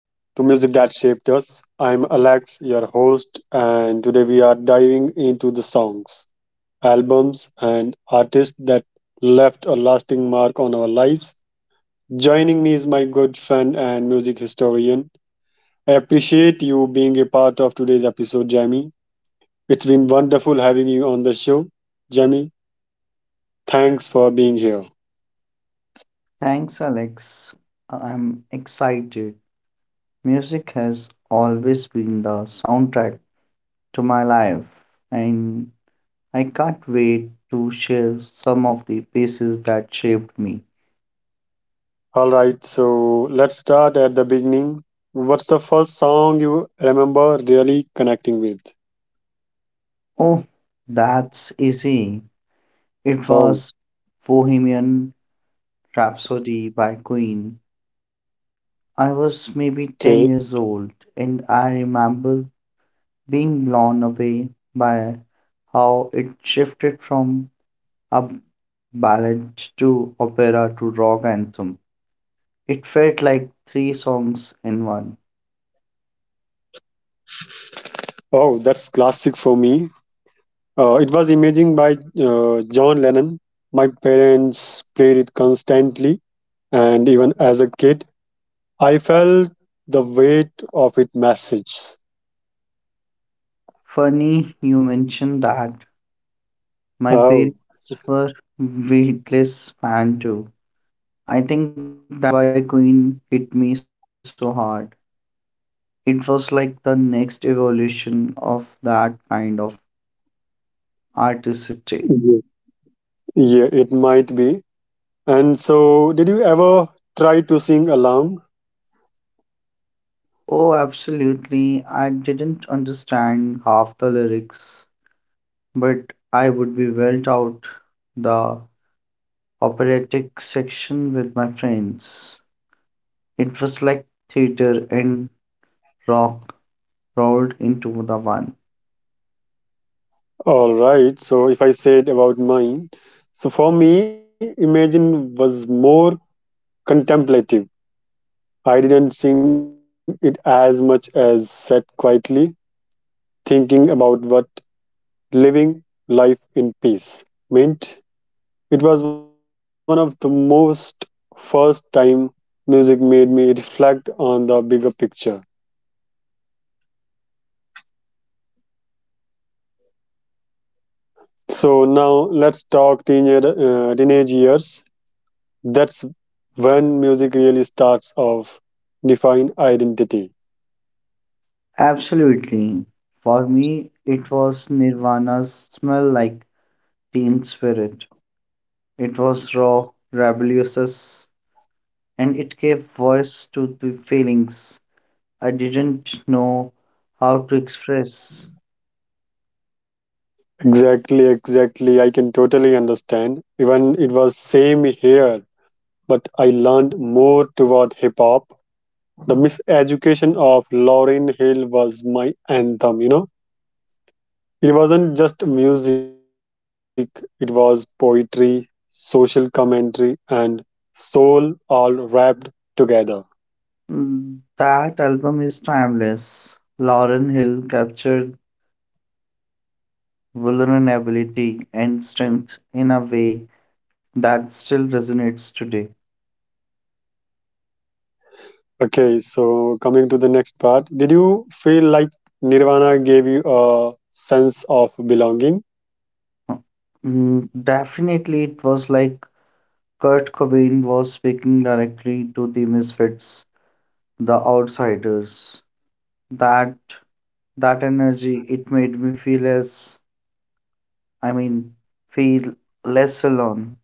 to Music That Shaped Us. I'm Alex, your host, and today we are diving into the songs, albums, and artists that left a lasting mark on our lives. Joining me is my good friend and music historian. I appreciate you being a part of today's episode, Jamie. It's been wonderful having you on the show. Jamie, thanks for being here. Thanks, Alex. I'm excited. Music has always been the soundtrack to my life, and I can't wait to share some of the pieces that shaped me. All right, so let's start at the beginning. What's the first song you remember really connecting with? Oh, that's easy. It was Oh, Bohemian Rhapsody by Queen. I was maybe 10 okay. years old, and I remember being blown away by how it shifted from a ballad to opera to rock anthem. It felt like three songs in one. Oh, that's classic for me. It was Imaging by John Lennon. My parents played it constantly, and even as a kid, I felt the weight of its message. Funny you mentioned that. My parents Oh, were Beatles fan too. I think that why Queen hit me so hard. It was like the next evolution of that kind of artistry. yeah, yeah, it might be. And so, did you ever try to sing along? Oh, absolutely. I didn't understand half the lyrics, but I would be well out the operatic section with my friends. It was like theater and rock rolled into the one. All right. So if I said about mine, so for me, Imagine was more contemplative. I didn't sing it as much as sat quietly thinking about what living life in peace meant. It was one of the most first time music made me reflect on the bigger picture. So now let's talk teenage years. That's when music really starts of define identity. Absolutely. For me, it was Nirvana's smell like teen spirit. It was raw, rebellious, and it gave voice to the feelings I didn't know how to express. Exactly, exactly. I can totally understand. Even it was same here, but I learned more toward hip hop. The miseducation of Lauryn Hill was my anthem, It wasn't just music, it was poetry, social commentary, and soul all wrapped together. Mm, that album is timeless. Lauren Hill captured vulnerability, and strength in a way that still resonates today. Okay, so coming to the next part, did you feel like Nirvana gave you a sense of belonging? Mm, definitely, it was like Kurt Cobain was speaking directly to the misfits, the outsiders. That that energy, it made me feel as, I mean, feel less alone.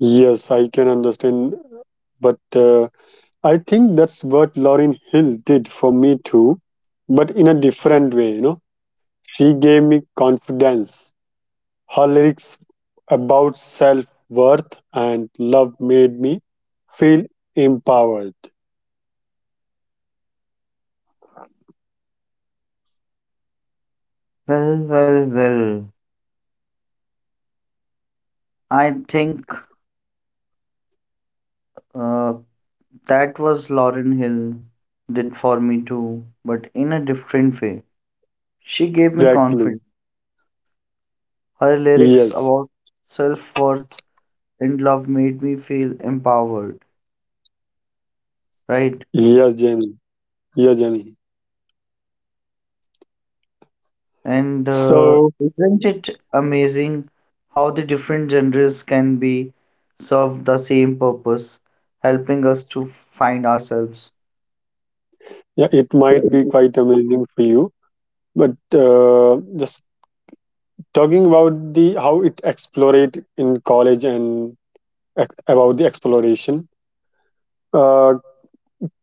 Yes, I can understand. But I think that's what Lauren Hill did for me too, but in a different way, She gave me confidence. Her lyrics about self worth and love made me feel empowered. Well, well, well. I think uh, that was Lauren Hill did for me too, but in a different way. She gave me confidence. Exactly. Her lyrics about Yes. self worth and love made me feel empowered, right? Yes, Jamie. Yes, Jamie. And So, isn't it amazing how the different genres can be serve the same purpose, helping us to find ourselves? yeah, it might be quite amazing for you, but just talking about the how it explorate in college and about the exploration uh,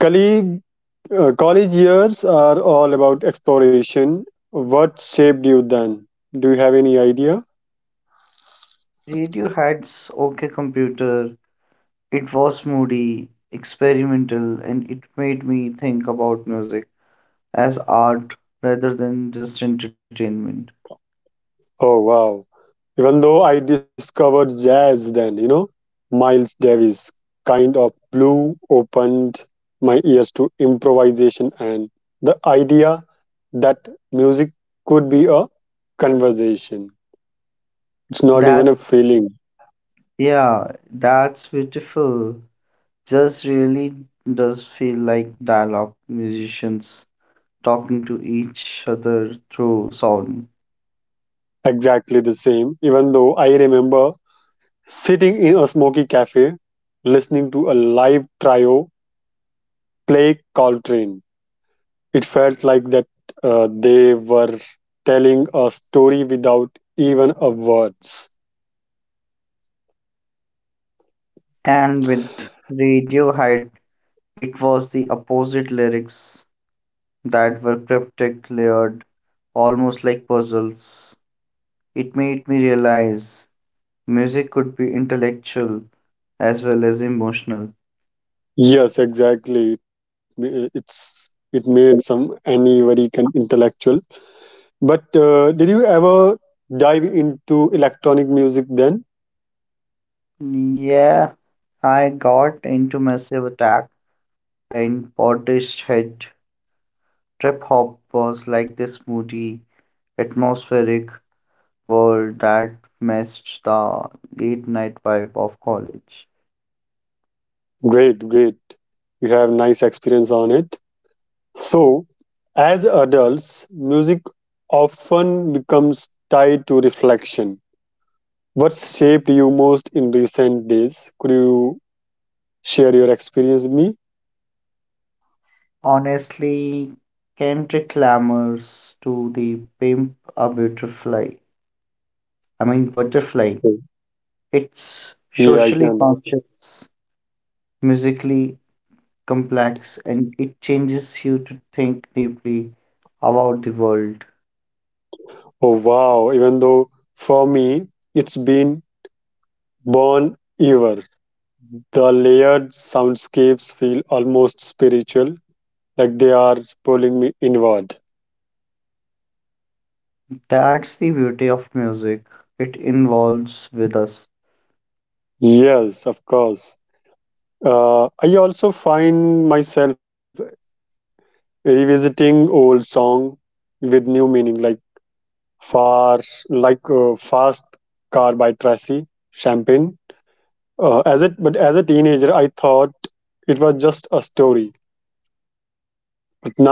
colleague, college years are all about exploration, what shaped you then? Do you have any idea? Radiohead's OK Computer, it was moody, experimental, and it made me think about music as art rather than just entertainment. Oh, wow. Even though I discovered jazz then, miles Davis kind of blew opened my ears to improvisation and the idea that music could be a conversation. It's not even That a feeling. yeah, that's beautiful. Just really does feel like dialogue, musicians talking to each other through sound. Exactly the same, even though I remember sitting in a smoky cafe listening to a live trio play Coltrane. It felt like that they were telling a story without even a words. And with Radiohead, it was the opposite lyrics that were cryptic, layered, almost like puzzles. It made me realize music could be intellectual as well as emotional. Yes, exactly. It's it made some anybody can intellectual. But did you ever dive into electronic music then? Yeah, I got into Massive Attack and Portishead. Trip hop was like this moody, atmospheric world that matched the late night vibe of college. Great, great. You have nice experience on it. So, as adults, music often becomes tied to reflection. What's shaped you most in recent days? Could you share your experience with me? Honestly, Kendrick Lamar's to the Pimp a Butterfly. I mean, Butterfly. Mm. It's Yeah, I socially can. conscious, musically complex, and it changes you to think deeply about the world. Oh, wow. Even though for me, it's been Born Ever. The layered soundscapes feel almost spiritual, like they are pulling me inward. That's the beauty of music, it involves with us. Yes, of course. I also find myself revisiting old song with new meaning, like far like fast car by Tracy Champagne. As it but As a teenager, I thought it was just a story, but now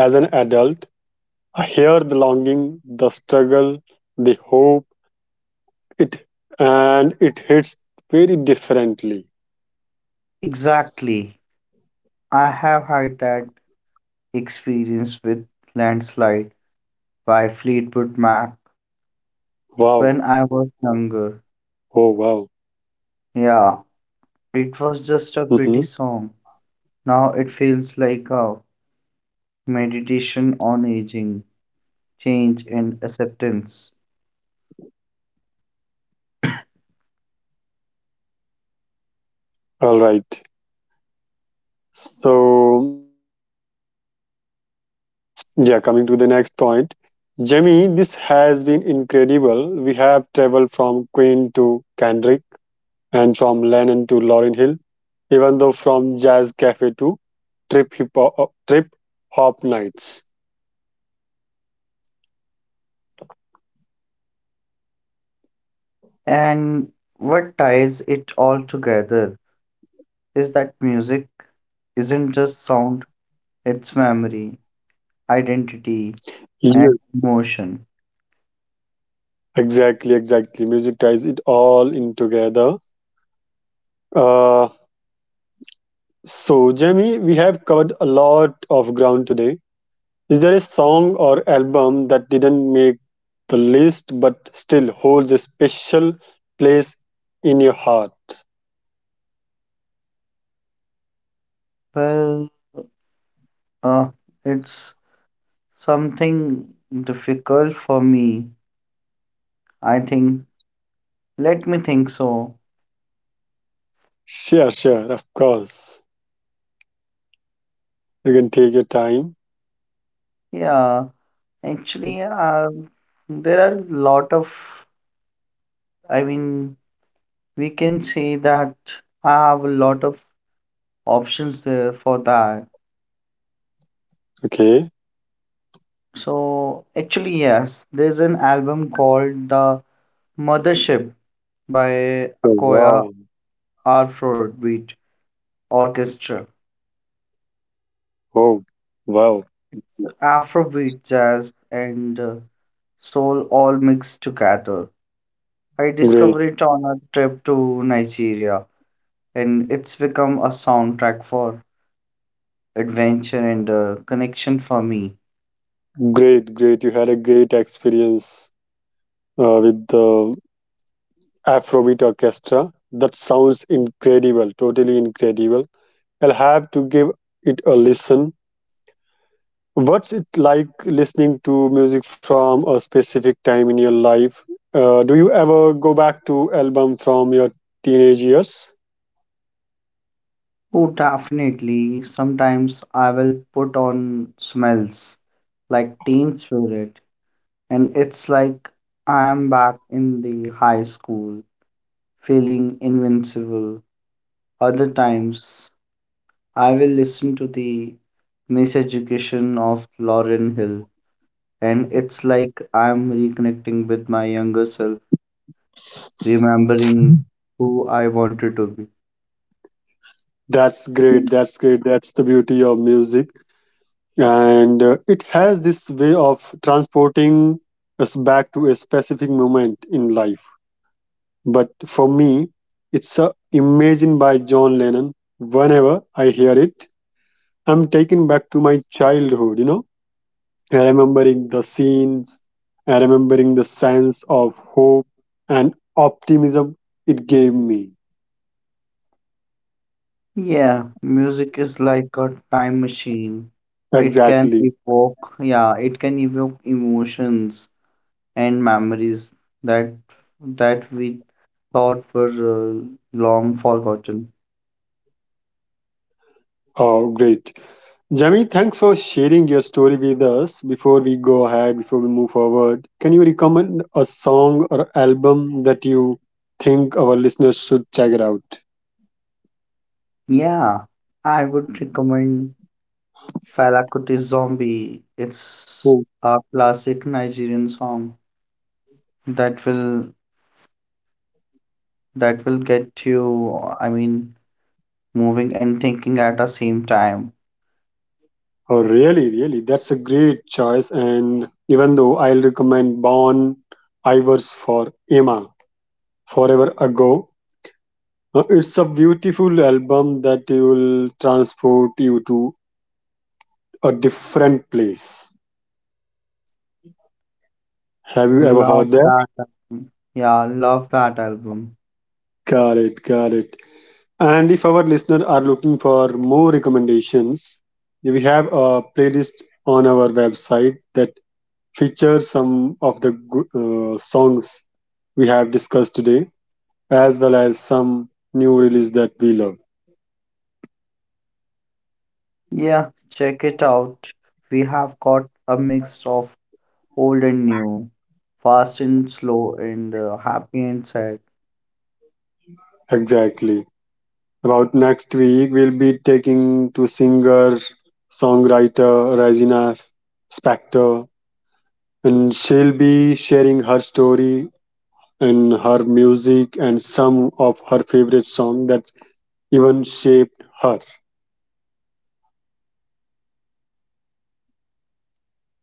as an adult, I hear the longing, the struggle, the hope, it it hits very differently. Exactly. I have had that experience with Landslide by Fleetwood Mac Wow. when I was Oh, younger. wow. Yeah, it was Mm-hmm. just a pretty song. Now it feels like a meditation on aging, change, and acceptance. All right, so. Mm, yeah, coming to the next point. Jemmy, this has been incredible. We have traveled from Queen to Kendrick and from Lennon to Lauryn Hill, even though from Jazz Cafe to Trip Hop Nights. And what ties it all together is that music isn't just sound, it's memory, identity, Yes. and emotion. Exactly, exactly. Music ties it all in together. Uh, so, Jemmy, we have covered a lot of ground today. Is there a song or album that didn't make the list but still holds a special place in your heart? Well, uh, it's something difficult for me, I think. Let me think so. Sure, sure, of course. You can take your time. Yeah, actually, there are a lot of, I mean, we can say that I have a lot of options there for that. Okay. So, actually, yes, there's an album called The Mothership by Oh, Akoya wow. Afrobeat Orchestra. Oh, wow. Afrobeat, jazz, and soul all mixed together. I Great, discovered it on a trip to Nigeria, and it's become a soundtrack for adventure and a connection for me. great, great. You had a great experience with the Afrobeat Orchestra. That sounds incredible, totally incredible. I'll have to give it a listen. What's it like listening to music from a specific time in your life? Do you ever go back to album from your teenage years? Oh, definitely. Sometimes I will put on smells like Teen Spirit, and it's like I am back in the high school, feeling invincible. Other times, I will listen to the miseducation of Lauren Hill, and it's like I'm reconnecting with my younger self, remembering who I wanted to be. That's great. That's great. That's the beauty of music, and it has this way of transporting us back to a specific moment in life. But for me, it's a Imagine by John Lennon. Whenever I hear it, I'm taken back to my childhood. You know, remembering the scenes, remembering the sense of hope and optimism it gave me. Yeah, music is like a time machine. It can Exactly. evoke, yeah, it can evoke emotions and memories that we thought were long forgotten. Oh, great. Jamie, thanks for sharing your story with us. Before we go ahead, before we move forward, can you recommend a song or album that you think our listeners should check it out? Yeah, I would recommend Fela Kuti Zombie. It's Oh, a classic Nigerian song that will get you, I mean, moving and thinking at the same time. oh, really, really. That's a great choice. And even though I'll recommend Bon Ivers for Emma Forever Ago. It's a beautiful album that will transport you to a different place. Have you ever heard Love that? that album. Yeah, love that album. Got it, got it. And if our listeners are looking for more recommendations, we have a playlist on our website that features some of songs we have discussed today, as well as some new release that we love. Yeah, check it out. We have got a mix of old and new, fast and slow, and happy and sad. Exactly. About next week, we'll be taking to singer, songwriter Regina Spector, and she'll be sharing her story and her music and some of her favorite song that even shaped her.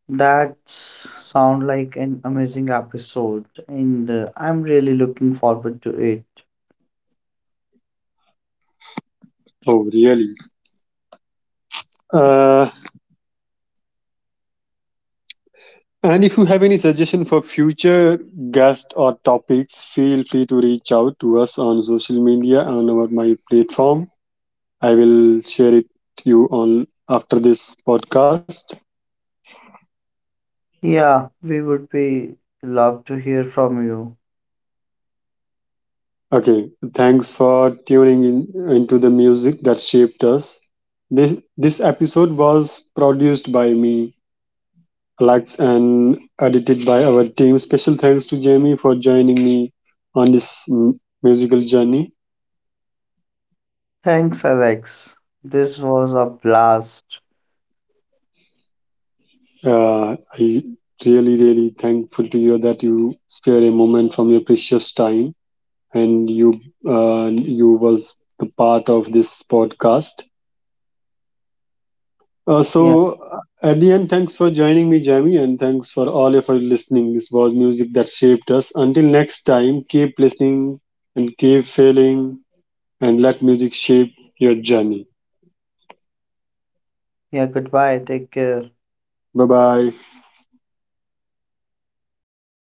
That sound like an amazing episode, and I'm really looking forward to it. Oh, really? Uh, and if you have any suggestion for future guests or topics, feel free to reach out to us on social media and over my platform. I will share it to you on after this podcast. Yeah, we would be love to hear from you. Okay, thanks for tuning in into the music that shaped us. This this episode was produced by me, Alex, and edited by our team. Special thanks to Jamie for joining me on musical journey. Thanks, Alex. This was a blast. I really, really thankful to you that you spare a moment from your precious time and you was the part of this podcast. Uh, Yeah, so, uh, at the end, thanks for joining me, Jamie, and thanks for all of our listening. This was music that shaped us. Until next time, keep listening and keep failing, and let music shape your journey. yeah, goodbye. Take care. Bye bye.